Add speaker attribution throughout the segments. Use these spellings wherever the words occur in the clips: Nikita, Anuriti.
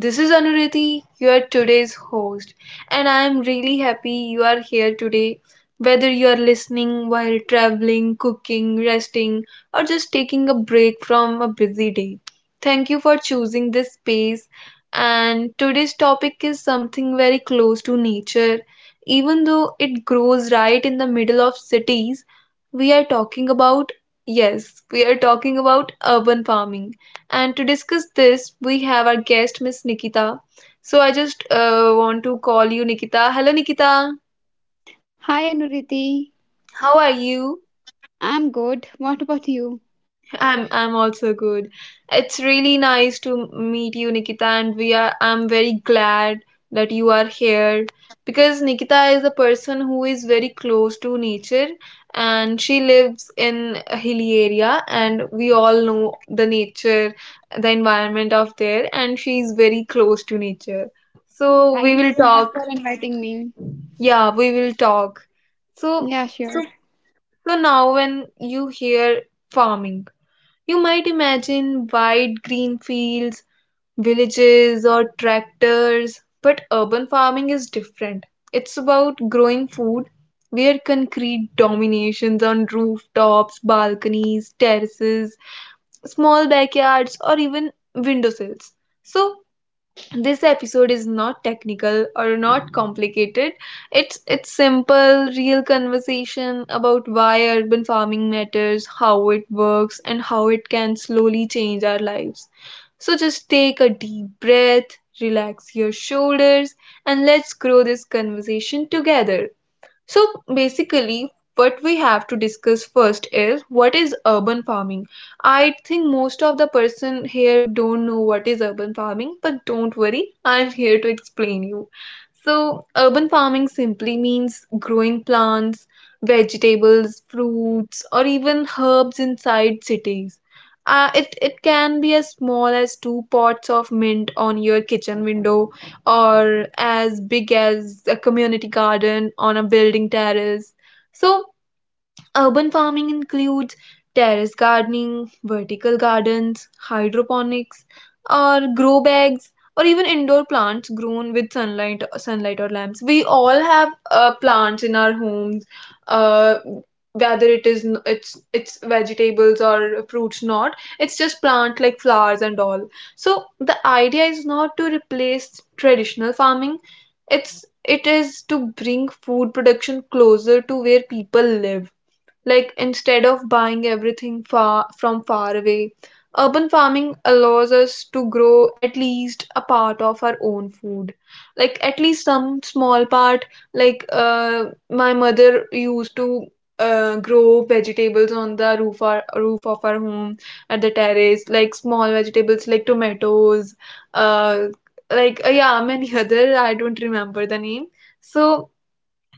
Speaker 1: This is Anuriti, your today's host, and I am really happy you are here today. Whether you are listening while traveling, cooking, resting, or just taking a break from a busy day, thank you for choosing this space. And today's topic is something very close to nature. Even though it grows right in the middle of cities, we are talking about, yes, we are talking about urban farming, and to discuss this, we have our guest, Miss Nikita. So I just want to call you Nikita. Hello, Nikita.
Speaker 2: Hi Anuriti,
Speaker 1: How are you?
Speaker 2: I'm good. What about you?
Speaker 1: I'm also good. It's really nice to meet you, Nikita, and we are I'm very glad that you are here, because Nikita is a person who is very close to nature, and she lives in a hilly area, and we all know the nature, the environment of there, and she is very close to nature. So we
Speaker 2: Thank you
Speaker 1: will
Speaker 2: so
Speaker 1: talk.
Speaker 2: much for inviting me.
Speaker 1: Yeah, we will talk. So
Speaker 2: Yeah, sure.
Speaker 1: so so now, when you hear farming, you might imagine wide green fields, villages, or tractors, but urban farming is different. It's about growing food where concrete dominations on rooftops, balconies, terraces, small backyards, or even windowsills. So, this episode is not technical or not complicated. It's simple, real conversation about why urban farming matters, how it works, and how it can slowly change our lives. So just take a deep breath, relax your shoulders, and let's grow this conversation together. So basically, what we have to discuss first is what is urban farming. I think most of the person here don't know what is urban farming, but don't worry, I'm here to explain you. So, urban farming simply means growing plants, vegetables, fruits, or even herbs inside cities. It can be as small as two pots of mint on your kitchen window, or as big as a community garden on a building terrace. So, urban farming includes terrace gardening, vertical gardens, hydroponics, or grow bags, or even indoor plants grown with sunlight or lamps. We all have plants in our homes, uh, whether it's vegetables or fruits. Not it's just plant like flowers and all. So the idea is not to replace traditional farming. It is to bring food production closer to where people live, like instead of buying everything far away. Urban farming allows us to grow at least a part of our own food, like at least some small part. Like my mother used to grow vegetables on the roof of our home at the terrace, like small vegetables like tomatoes, uh, yeah, many other. I don't remember the name. So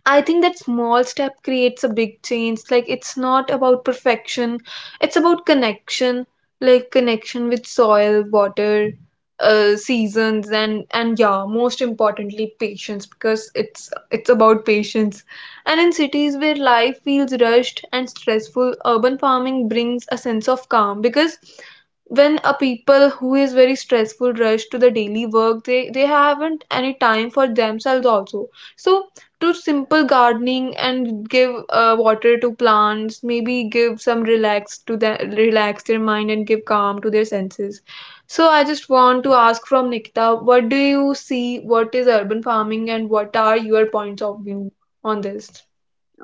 Speaker 1: I think that small step creates a big change. Like, it's not about perfection, it's about connection, like connection with soil, water, seasons, and yeah, most importantly, patience, because it's about patience. And in cities where life feels rushed and stressful, urban farming brings a sense of calm, because when a people who is very stressful rush to the daily work, they haven't any time for themselves also. So to simple gardening and give water to plants maybe give some relax their mind and give calm to their senses. So I just want to ask from Nikita, what do you see, what is urban farming, and what are your points of view on this?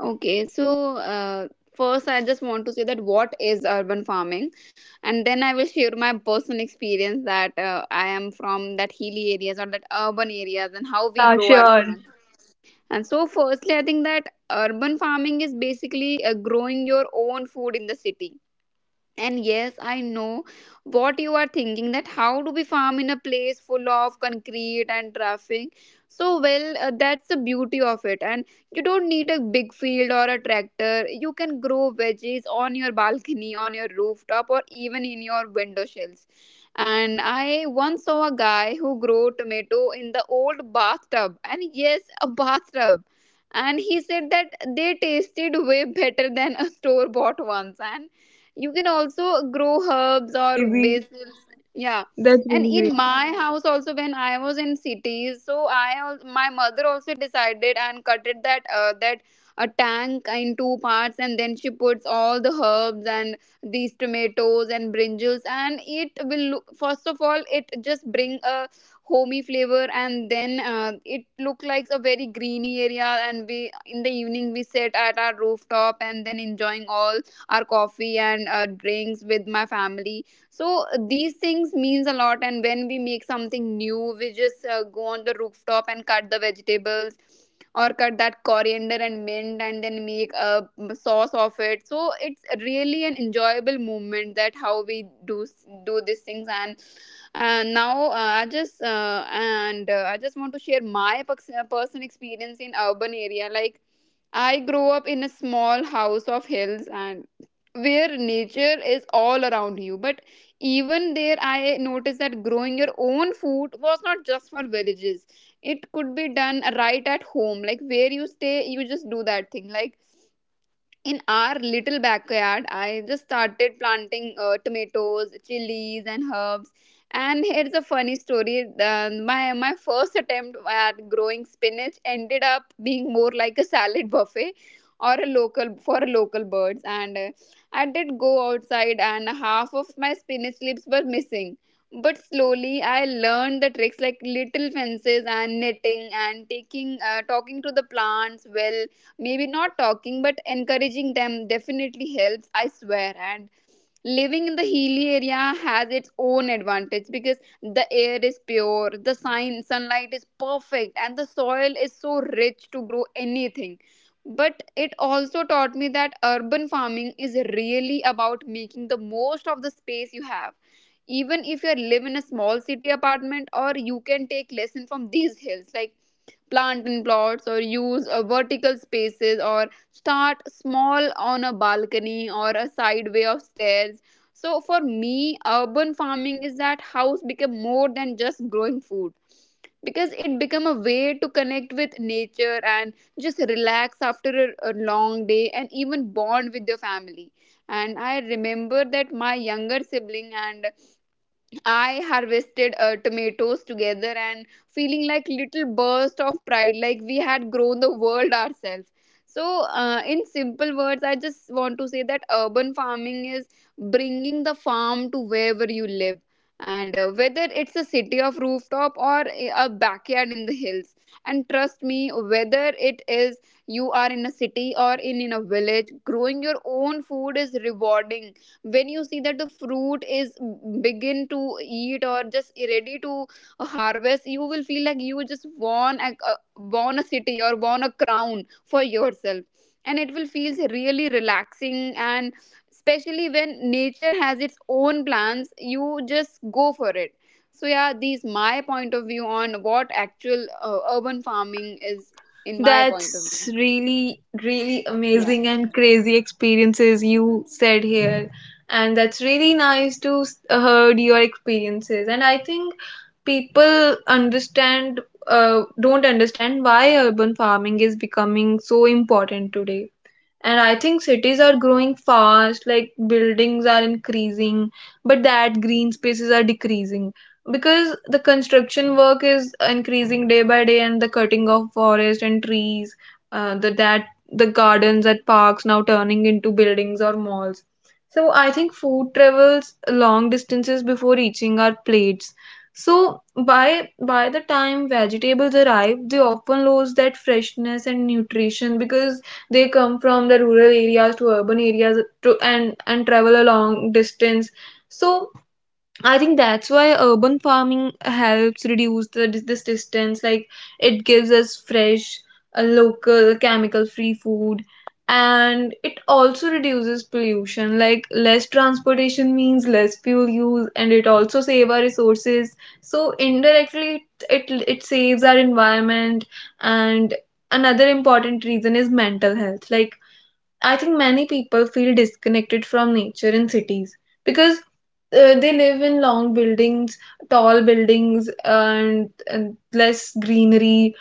Speaker 2: Okay, so first I just want to say that what is urban farming, and then I will share my personal experience that I am from that hilly areas or that urban areas and how we
Speaker 1: Yeah,
Speaker 2: grow our
Speaker 1: sure.
Speaker 2: plants. And so, firstly, I think that urban farming is basically growing your own food in the city. And yes, I know what you are thinking, that how do we farm in a place full of concrete and traffic? So, well, that's the beauty of it. And you don't need a big field or a tractor. You can grow veggies on your balcony, on your rooftop, or even in your window sills. And I once saw a guy who grew tomato in the old bathtub. And yes, a bathtub. And he said that they tasted way better than a store bought ones. And you can also
Speaker 1: that's
Speaker 2: grow
Speaker 1: that's really
Speaker 2: herbs or
Speaker 1: crazy.
Speaker 2: basil. Yeah.
Speaker 1: That's
Speaker 2: And
Speaker 1: really crazy.
Speaker 2: in my house also, when I was in cities, so my mother also decided and cut it that that a tank in two parts, and then she puts all the herbs and these tomatoes and brinjals, and it will look, first of all it just bring a homey flavor, and then it look like a very greeny area, and we in the evening we sit at our rooftop and then enjoying all our coffee and drinks with my family. So these things means a lot, and when we make something new we just go on the rooftop and cut the vegetables or cut that coriander and mint and then make a sauce of it. So it's really an enjoyable moment, that how we do these things. And now I just want to share my personal experience in urban area. Like I grew up in a small house of hills and where nature is all around you. But even there, I noticed that growing your own food was not just for villages. It could be done right at home. Like where you stay, you just do that thing. Like in our little backyard I just started planting tomatoes, chilies and herbs. And here's a funny story. My first attempt at growing spinach ended up being more like a salad buffet or a local for local birds. And I did go outside and half of my spinach leaves were missing. But slowly I learned the tricks, like little fences and netting, and taking talking to the plants. Well, maybe not talking, but encouraging them definitely helps, I swear. And living in the hilly area has its own advantage, because the air is pure, the sunlight is perfect, and the soil is so rich to grow anything. But it also taught me that urban farming is really about making the most of the space you have. Even if you live in a small city apartment, or you can take lesson from these hills, like plant in plots or use vertical spaces, or start small on a balcony or a sideway of stairs. So for me, urban farming is that house become more than just growing food, because it become a way to connect with nature and just relax after a long day, and even bond with your family. And I remember that my younger sibling and I harvested tomatoes together, and feeling like little burst of pride, like we had grown the world ourselves. So, in simple words, I just want to say that urban farming is bringing the farm to wherever you live, and whether it's a city of rooftop or a backyard in the hills. And trust me, whether it is you are in a city or in a village, growing your own food is rewarding. When you see that the fruit is begin to eat or just ready to harvest, you will feel like you just won a won a city or won a crown for yourself. And it will feels really relaxing, and especially when nature has its own plans, you just go for it. So yeah, these my point of view on what actual urban farming is, in my point of view.
Speaker 1: That's really, really
Speaker 2: Yeah.
Speaker 1: amazing and crazy experiences you said here. And that's really nice to heard your experiences. And I think people don't understand why urban farming is becoming so important today. And I think cities are growing fast, like buildings are increasing, but that green spaces are decreasing, because the construction work is increasing day by day, and the cutting of forest and trees, uh, the that the gardens at parks now turning into buildings or malls. So I think food travels long distances before reaching our plates. So by the time vegetables arrive, they often lose that freshness and nutrition, because they come from the rural areas to urban areas to and travel a long distance. So I think that's why urban farming helps reduce the this distance. Like, it gives us fresh, local, chemical-free food, and it also reduces pollution. Like less transportation means less fuel use, and it also saves our resources. So indirectly, it saves our environment. And another important reason is mental health. Like, I think many people feel disconnected from nature in cities, because they live in long buildings, tall buildings, and less greenery.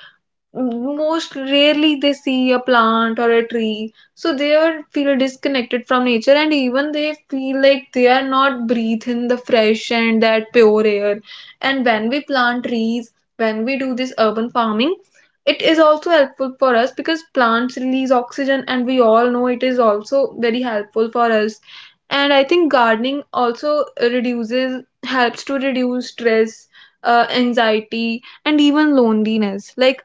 Speaker 1: Most rarely they see a plant or a tree, so they are feel disconnected from nature, and even they feel like they are not breathing the fresh and that pure air. And when we plant trees, when we do this urban farming, it is also helpful for us, because plants release oxygen, and we all know it is also very helpful for us. And I think gardening also reduces helps to reduce stress, anxiety, and even loneliness. Like,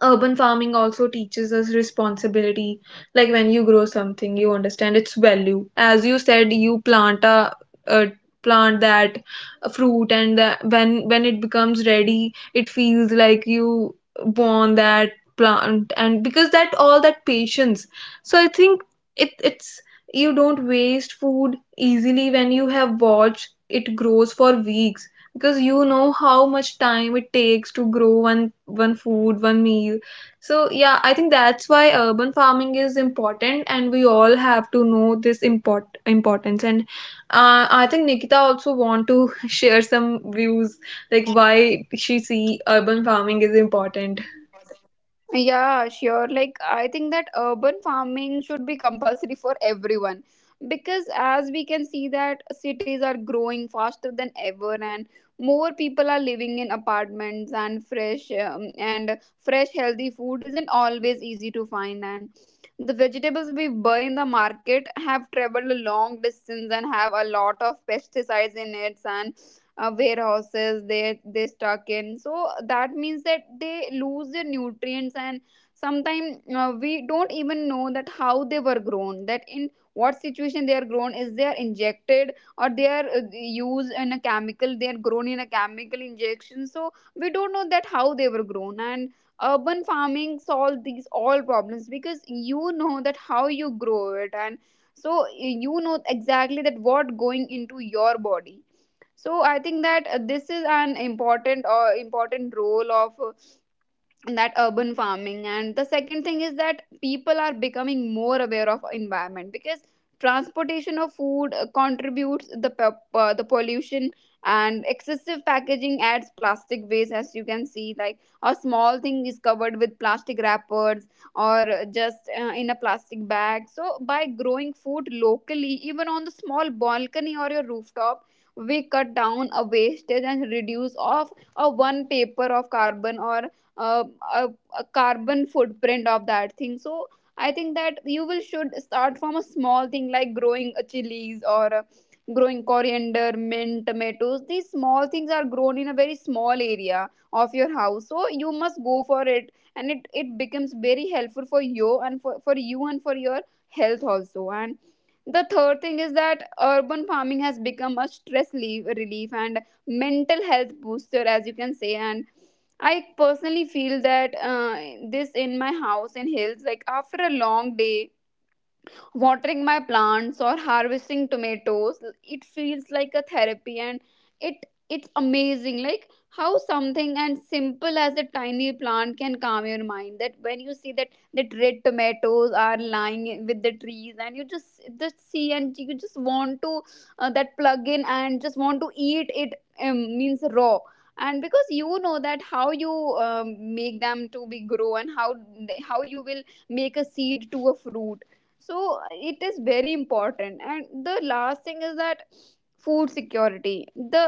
Speaker 1: urban farming also teaches us responsibility. Like, when you grow something, you understand its value. As you said, you plant a plant, that a fruit, and when it becomes ready, it feels like you born that plant, and because that all that patience. So I think it's you don't waste food easily when you have watched it grows for weeks, because you know how much time it takes to grow one food, one meal. So yeah, I think that's why urban farming is important, and we all have to know this importance. And I think Nikita also want to share some views, like why she see urban farming is important.
Speaker 2: Yeah, sure. Like, I think that urban farming should be compulsory for everyone, because as we can see, that cities are growing faster than ever, and more people are living in apartments. And fresh, healthy food isn't always easy to find. And the vegetables we buy in the market have traveled a long distance and have a lot of pesticides in it, and warehouses they stuck in, so that means that they lose their nutrients. And sometimes we don't even know that how they were grown, that in what situation they are grown, is they are injected or they are used in a chemical, they are grown in a chemical injection. So we don't know that how they were grown. And urban farming solve these all problems, because you know that how you grow it, and so you know exactly that what going into your body. So I think that this is an important or important role of and that urban farming. And the second thing is that people are becoming more aware of environment, because transportation of food the pollution, and excessive packaging adds plastic waste. As you can see, like a small thing is covered with plastic wrappers or just in a plastic bag. So by growing food locally, even on the small balcony or your rooftop, we cut down a wastage and reduce of a one paper of carbon, or uh, a, a carbon footprint of that thing. So I think that you will should start from a small thing, like growing a chilies or growing coriander, mint, tomatoes. These small things are grown in a very small area of your house, so you must go for it. And it becomes very helpful for you, and for you and for your health also. And the third thing is that urban farming has become a stress relief and mental health booster, as you can say. And I personally feel that this in my house in hills, like after a long day, watering my plants or harvesting tomatoes, it feels like a therapy. And it it's amazing, like how something and simple as a tiny plant can calm your mind. That when you see that that red tomatoes are lying with the trees, and you just see and you just want to that plug in and just want to eat it, means raw. And because you know that how you make them to be grow, and how how you will make a seed to a fruit. So it is very important. And the last thing is that food security, the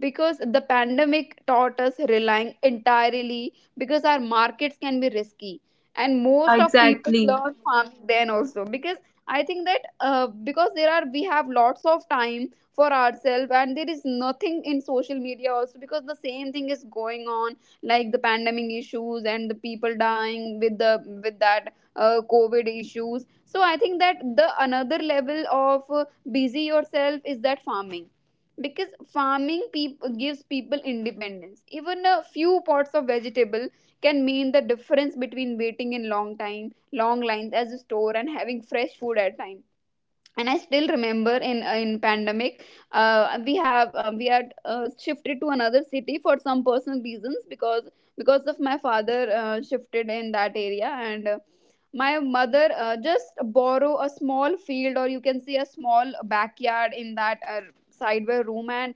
Speaker 2: because the pandemic taught us relying entirely because our markets can be risky, and
Speaker 1: Yeah,
Speaker 2: most of people
Speaker 1: exactly.
Speaker 2: learn farming then also. Because I think that because there are we have lots of time for ourselves, and there is nothing in social media also, because the same thing is going on, like the pandemic issues and the people dying with the with that COVID issues. So I think that the another level of busy yourself is that farming. Because farming gives people independence. Even a few pots of vegetable can mean the difference between waiting in long time long lines as a store and having fresh food at time. And I still remember in pandemic, we had shifted to another city for some personal reasons, because of my father shifted in that area. And my mother just borrow a small field, or you can see a small backyard in that sideway room. And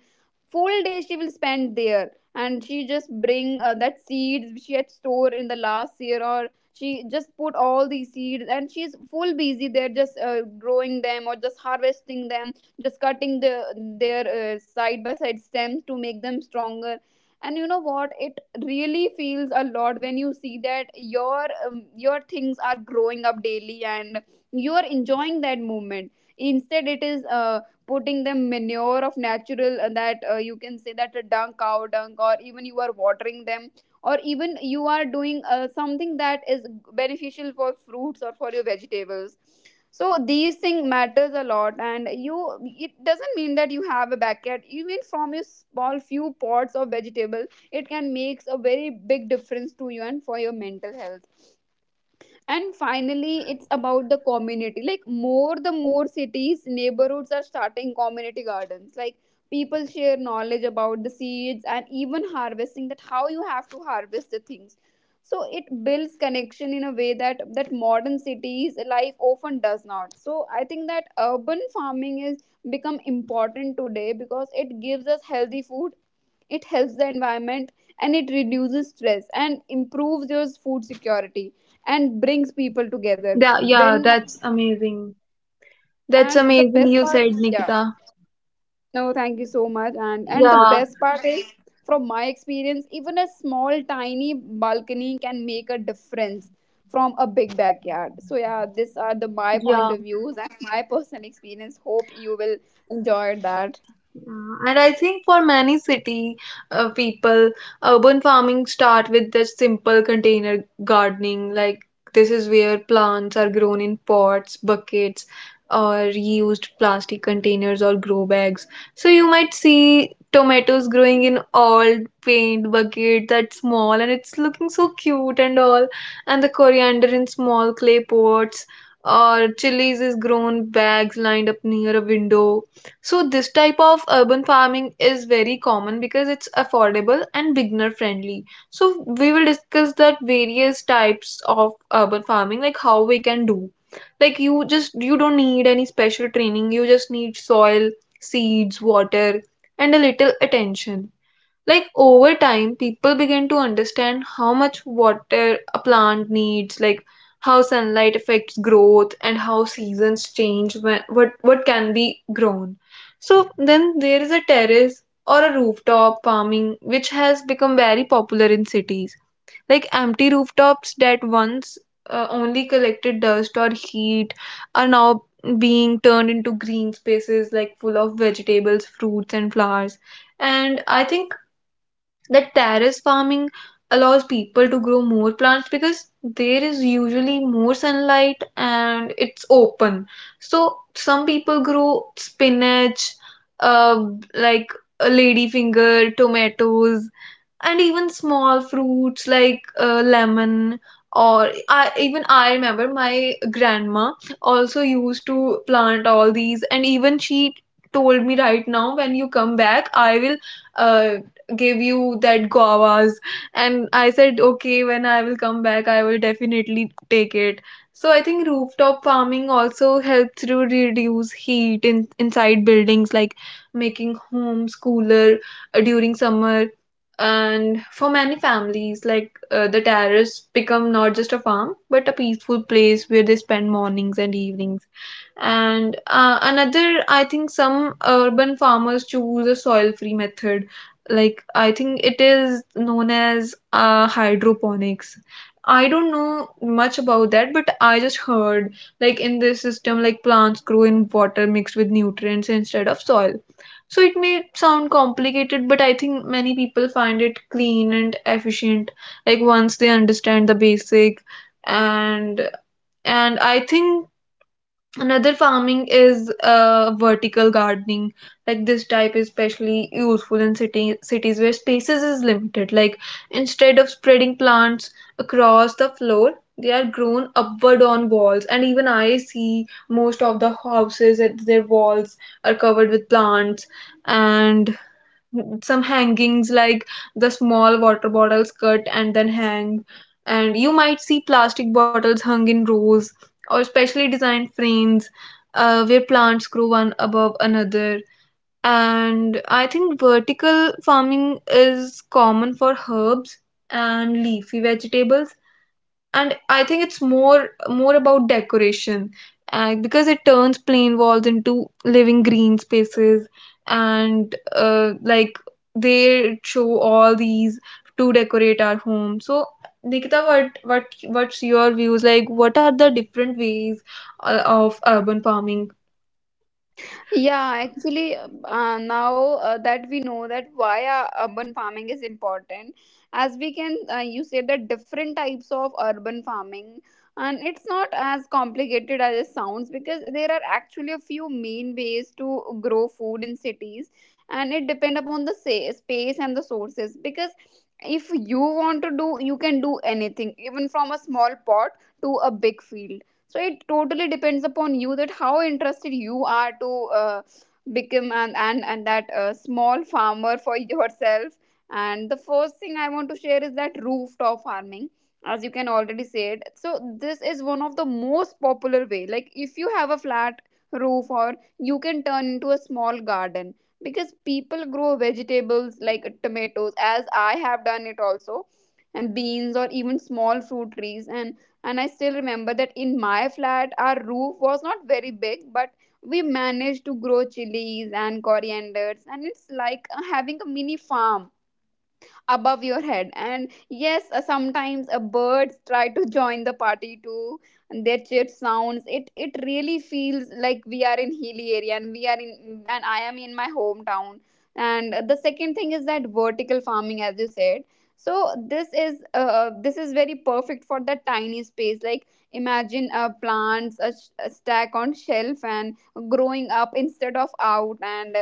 Speaker 2: full day she will spend there, and she just bring that seeds she had stored in the last year, or she just put all these seeds, and she's full busy there, just growing them or just harvesting them, just cutting the their side by side stems to make them stronger. And you know what, it really feels a lot when you see that your things are growing up daily, and you are enjoying that moment. Instead, it is putting the manure of natural that you can say that a dung, cow dung, or even you are watering them, or even you are doing something that is beneficial for fruits or for your vegetables. So these thing matters a lot, and you it doesn't mean that you have a backyard, even from Your small few pots of vegetables, it can makes a very big difference to you and for your mental health. And finally, it's about the community. Like more, the more cities neighborhoods are starting community gardens. Like people share knowledge about the seeds and even harvesting, that how you have to harvest the things. So it builds connection in a way that modern cities life often does not. So I think that urban farming is become important today because it gives us healthy food, it helps the environment, and it reduces stress and improves your food security and brings people together.
Speaker 1: that yeah,
Speaker 2: When.
Speaker 1: that's amazing. That's
Speaker 2: And the
Speaker 1: amazing
Speaker 2: best
Speaker 1: you
Speaker 2: part,
Speaker 1: said,
Speaker 2: yeah.
Speaker 1: Nikita.
Speaker 2: No, thank you so much, and the
Speaker 1: Yeah,
Speaker 2: best part is, from my experience, even a small tiny balcony can make a difference from a big backyard. So yeah, these are the my point
Speaker 1: yeah.
Speaker 2: of views and my personal experience. Hope you will enjoy that.
Speaker 1: Yeah, and I think for many city people, urban farming start with the simple container gardening. Like, this is where plants are grown in pots, buckets, or reused plastic containers or grow bags. So you might see tomatoes growing in old paint bucket, that's small and it's looking so cute and all, and the coriander in small clay pots. Or chilies is grown bags lined up near a window. So this type of urban farming is very common because it's affordable and beginner friendly. So we will discuss that various types of urban farming, like how we can do. Like, you don't need any special training. You just need soil, seeds, water, and a little attention. Like, over time people begin to understand how much water a plant needs, like how sunlight affects growth, and how seasons change, when, what can be grown. So then there is a terrace or a rooftop farming, which has become very popular in cities, like empty rooftops that once only collected dust or heat are now being turned into green spaces, like full of vegetables, fruits, and flowers. And I think that terrace farming allows people to grow more plants, because there is usually more sunlight and it's open. So some people grow spinach, uh, like a lady finger, tomatoes, and even small fruits like lemon. Even I remember my grandma also used to plant all these, and even she told me, right now when you come back I will uh, give you that guavas. And I said, okay, when I will come back I will definitely take it. So I think rooftop farming also helps to reduce heat inside buildings, like making homes cooler during summer. And for many families, like the terrace become not just a farm, but a peaceful place where they spend mornings and evenings. And another, I think some urban farmers choose a soil free method. Like, I think it is known as hydroponics. I don't know much about that, but I just heard, like in this system, like plants grow in water mixed with nutrients instead of soil. So it may sound complicated, but I think many people find it clean and efficient. Like once they understand the basic, and and I think another farming is vertical gardening. Like this type is especially useful in cities where spaces is limited. Like instead of spreading plants across the floor, they are grown upward on walls. And even I see most of the houses that their walls are covered with plants. And some hangings like the small water bottles cut and then hang, and you might see plastic bottles hung in rows or specially designed frames where plants grow one above another. And I think vertical farming is common for herbs and leafy vegetables. And I think it's more about decoration, because it turns plain walls into living green spaces. And they show all these to decorate our home. So Nikita, what's your views? Like, what are the different ways of urban farming?
Speaker 2: Yeah, actually, now that we know that why urban farming is important, as we can, you said that different types of urban farming, and it's not as complicated as it sounds because there are actually a few main ways to grow food in cities, and it depend upon the space and the sources. Because if you want to do, you can do anything, even from a small pot to a big field. So it totally depends upon you that how interested you are to uh, become and that small farmer for yourself. And the first thing I want to share is that rooftop farming, as you can already say it. So this is one of the most popular way. Like if you have a flat roof, or you can turn into a small garden, because people grow vegetables like tomatoes, as I have done it also, and beans or even small fruit trees. And I still remember that in my flat, our roof was not very big, but we managed to grow chilies and corianders, and it's like having a mini farm above your head. And yes, sometimes a birds try to join the party too, and their chirp sounds, it really feels like we are in hilly area and we are in and I am in my hometown. And the second thing is that vertical farming, as you said. So this is very perfect for the tiny space. Like imagine plants a stack on shelf and growing up instead of out. And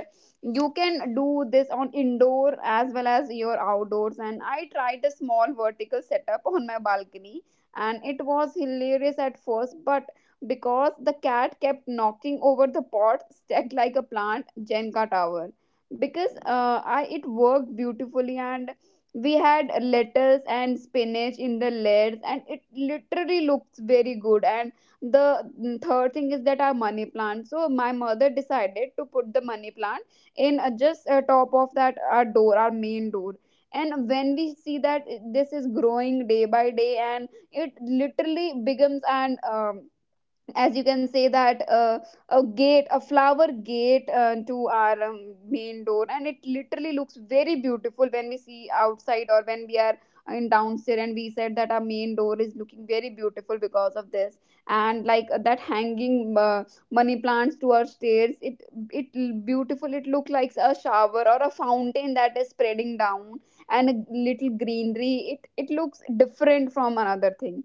Speaker 2: you can do this on indoor as well as your outdoors. And I tried a small vertical setup on my balcony, and it was hilarious at first, but because the cat kept knocking over the pot stacked like a plant jenga tower. Because I it worked beautifully, and we had lettuce and spinach in the layers, and it literally looks very good. And the third thing is that our money plant. So my mother decided to put the money plant in just top of that our door, our main door. And when we see that this is growing day by day, and it literally becomes an as you can say that, a gate, a flower gate to our main door. And it literally looks very beautiful when we see outside or when we are in downstairs, and we said that our main door is looking very beautiful because of this. And like that hanging money plants to our stairs, it beautiful, it look like a shower or a fountain that is spreading down. And a little greenery, it looks different from another thing.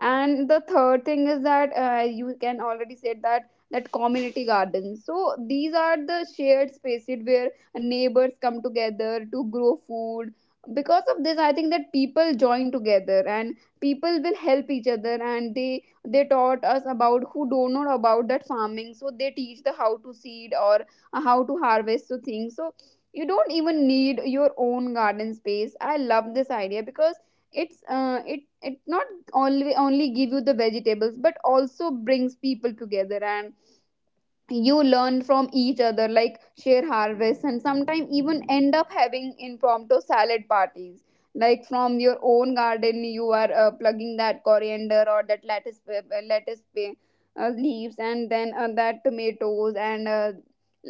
Speaker 2: And the third thing is that, you can already said that that community gardens. So these are the shared spaces where neighbors come together to grow food. Because of this, I think that people join together and people will help each other, and they taught us about who don't know about that farming, so they teach the how to seed or how to harvest the things. So you don't even need your own garden space. I love this idea because it's it it not only give you the vegetables but also brings people together. And you learn from each other, like share harvests, and sometimes even end up having impromptu salad parties. Like from your own garden you are plugging that coriander or that lettuce leaves, and then that tomatoes and uh,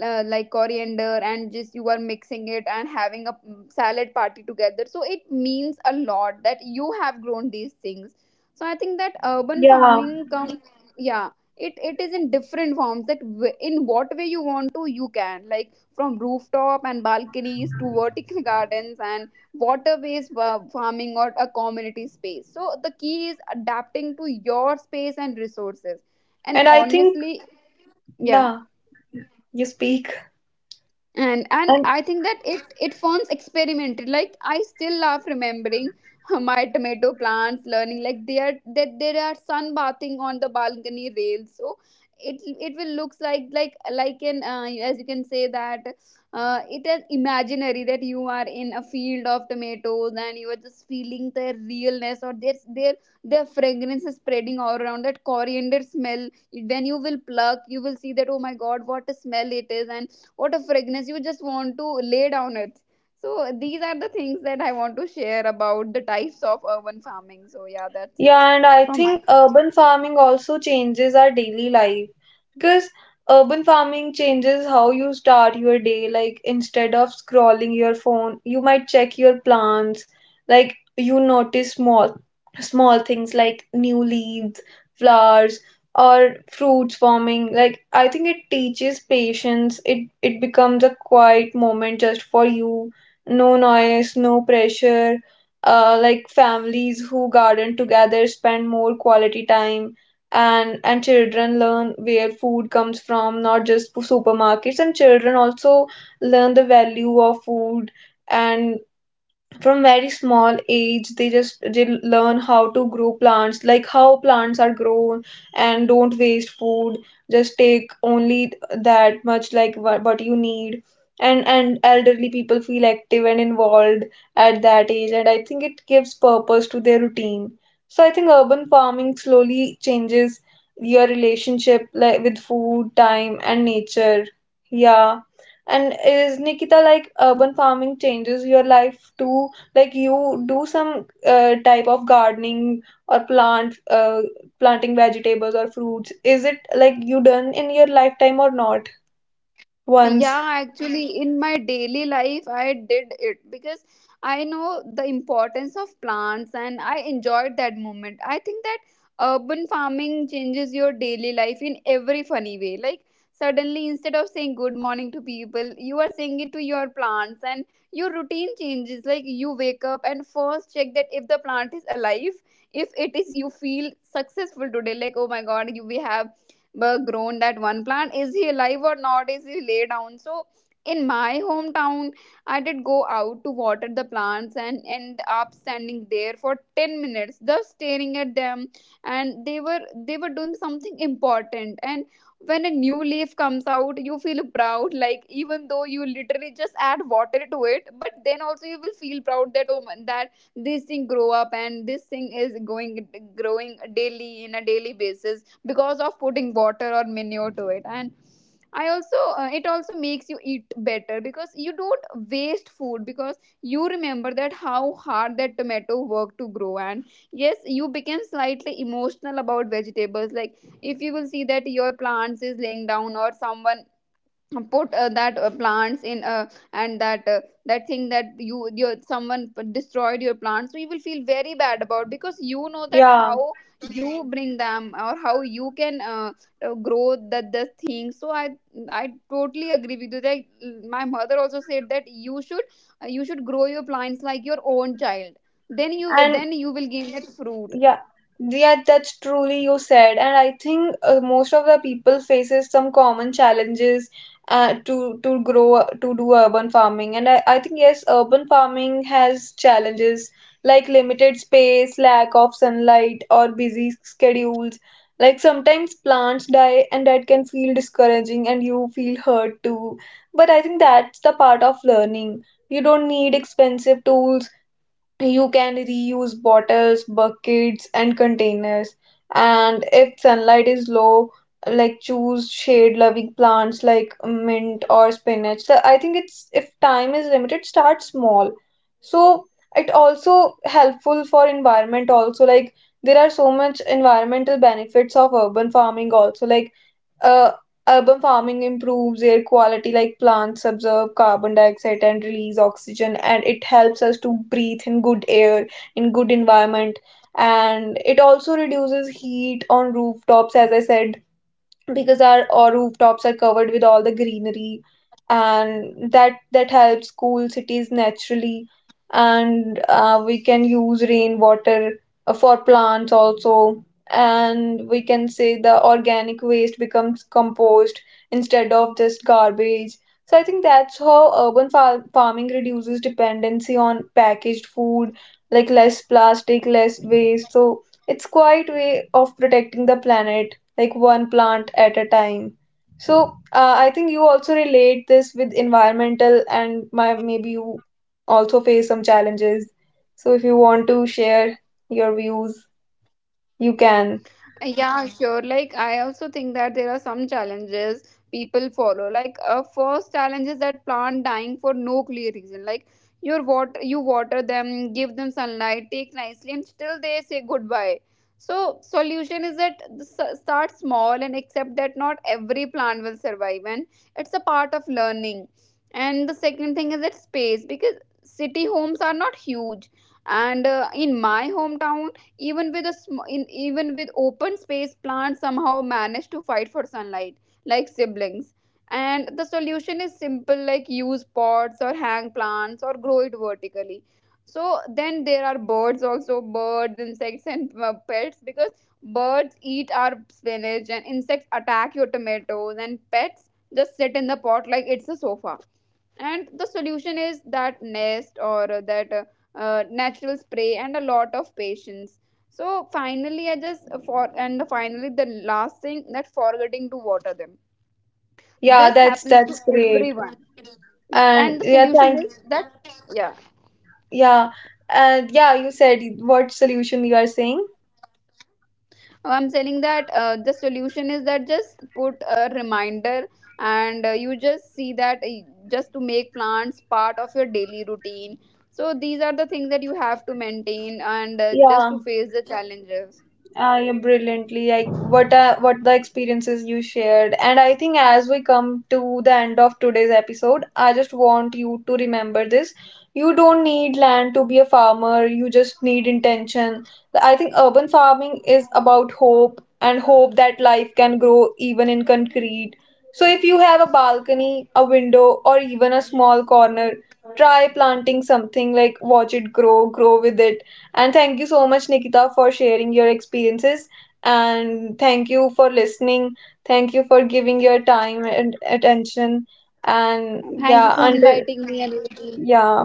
Speaker 2: uh, like coriander, and just you are mixing it and having a salad party together. So it means a lot that you have grown these things. So I think that urban
Speaker 1: Yeah,
Speaker 2: farming comes, yeah, it is in different forms that in what way you want to, you can, like from rooftop and balconies to vertical gardens and waterways farming or a community space. So the key is adapting to your space and resources. And
Speaker 1: and I think,
Speaker 2: honestly, yeah,
Speaker 1: yeah, you speak.
Speaker 2: and I think that it forms experimented. Like I still love remembering my tomato plants learning, like they are that they are sunbathing on the balcony rail. So it will looks like like an as you can say that, it is imaginary that you are in a field of tomatoes and you are just feeling their realness or their their fragrance is spreading all around that coriander smell. When you will pluck, you will see that, oh my god, what a smell it is. And what a fragrance, you just want to lay down it. So these are the things that I want to share about the types of urban farming. So yeah, that's it
Speaker 1: Yeah, and I
Speaker 2: from my
Speaker 1: think
Speaker 2: side.
Speaker 1: urban farming also changes our daily life, because urban farming changes how you start your day. Like, instead of scrolling your phone, you might check your plants. Like, you notice small things like new leaves, flowers, or fruits forming. Like, I think it teaches patience. It becomes a quiet moment just for you. No noise, no pressure, like families who garden together spend more quality time. And children learn where food comes from, not just supermarkets, and children also learn the value of food. And from very small age, they learn how to grow plants, like how plants are grown, and don't waste food, just take only that much like what you need. And elderly people feel active and involved at that age, and I think it gives purpose to their routine. So I think urban farming slowly changes your relationship, like with food, time, and nature. Yeah. And is Nikita, like urban farming changes your life too? Like you do some type of gardening or planting vegetables or fruits? Is it like you done in your lifetime or not once?
Speaker 2: Yeah, actually, in my daily life, I did it because I know the importance of plants and I enjoyed that moment. I think that urban farming changes your daily life in every funny way. Like, suddenly, instead of saying good morning to people, you are saying it to your plants, and your routine changes. Like, you wake up and first check that if the plant is alive. If it is, you feel successful today. Like, oh my god, you, we have but grown that one plant, is he alive or not, is he lay down. So in my hometown, I did go out to water the plants and end up standing there for 10 minutes just staring at them. And they were doing something important. And when a new leaf comes out, you feel proud, like even though you literally just add water to it, but then also you will feel proud that, oh man, that this thing grow up and this thing is going growing daily in a daily basis because of putting water or manure to it. And I also it also makes you eat better because you don't waste food, because you remember that how hard that tomato worked to grow. And yes, you became slightly emotional about vegetables. Like if you will see that your plants is laying down, or someone put that plants in and that that thing that you your someone destroyed your plants, so you will feel very bad about, because you know that
Speaker 1: Yeah,
Speaker 2: how you bring them or how you can grow that the thing. So I totally agree with you. Like my mother also said that you should grow your plants like your own child,
Speaker 1: and
Speaker 2: then you will gain that fruit.
Speaker 1: yeah, yeah, that's truly you said. And I think most of the people faces some common challenges, uh, to grow to do urban farming. And I think yes, urban farming has challenges like limited space, lack of sunlight, or busy schedules. Like sometimes plants die, and that can feel discouraging, and you feel hurt too. But I think that's the part of learning. You don't need expensive tools, you can reuse bottles, buckets, and containers. And if sunlight is low, like choose shade-loving plants like mint or spinach. So I think it's, if time is limited, start small. So it also helpful for environment also, like there are so much environmental benefits of urban farming also, like uh, urban farming improves air quality, like plants absorb carbon dioxide and release oxygen, and it helps us to breathe in good air, in good environment. And it also reduces heat on rooftops, as I said, because our rooftops are covered with all the greenery, and that helps cool cities naturally. And we can use rainwater for plants also, and we can say the organic waste becomes compost instead of just garbage. So I think that's how urban farming reduces dependency on packaged food, like less plastic, less waste. So it's quite way of protecting the planet, like one plant at a time. So I think you also relate this with environmental, and maybe you also face some challenges. So if you want to share your views, you can.
Speaker 2: Yeah, sure. Like, I also think that there are some challenges people follow. Like, a first challenge is that plant dying for no clear reason. Like, your water, you water them, give them sunlight, take nicely, and still they say goodbye. So, solution is that start small and accept that not every plant will survive, and it's a part of learning. And the second thing is that space, because city homes are not huge, and in my hometown, even with a even with open space, plants somehow manage to fight for sunlight like siblings. And the solution is simple, like use pots or hang plants or grow it vertically. So then there are birds also, birds, insects, and pets. Because birds eat our spinach, and insects attack your tomatoes, and pets just sit in the pot like it's a sofa. And the solution is that nest or that natural spray and a lot of patience. So finally, I just for and the finally the last thing that forgetting to water them,
Speaker 1: Yeah,
Speaker 2: this
Speaker 1: that's
Speaker 2: happens to
Speaker 1: that's great.
Speaker 2: everyone.
Speaker 1: And
Speaker 2: And the
Speaker 1: yeah,
Speaker 2: solution
Speaker 1: thank,
Speaker 2: is that, yeah,
Speaker 1: yeah. And yeah, you said what solution you are saying.
Speaker 2: I'm telling that the solution is that just put a reminder, and you just see that, just to make plants part of your daily routine. So these are the things that you have to maintain, and just
Speaker 1: Yeah.
Speaker 2: to face the challenges.
Speaker 1: I brilliantly like what the experiences you shared. And I think as we come to the end of today's episode, I just want you to remember this: you don't need land to be a farmer, you just need intention. I think urban farming is about hope, and hope that life can grow even in concrete. So if you have a balcony, a window, or even a small corner, try planting something, like watch it grow, with it. And thank you so much, Nikita, for sharing your experiences. And thank you for listening. Thank you for giving your time and attention. And
Speaker 2: Thank you
Speaker 1: yeah,
Speaker 2: for
Speaker 1: until,
Speaker 2: inviting me, Anuriti.
Speaker 1: yeah,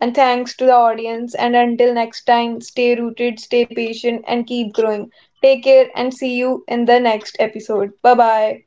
Speaker 1: and thanks to the audience. And until next time, stay rooted, stay patient, and keep growing. Take care and see you in the next episode. Bye bye.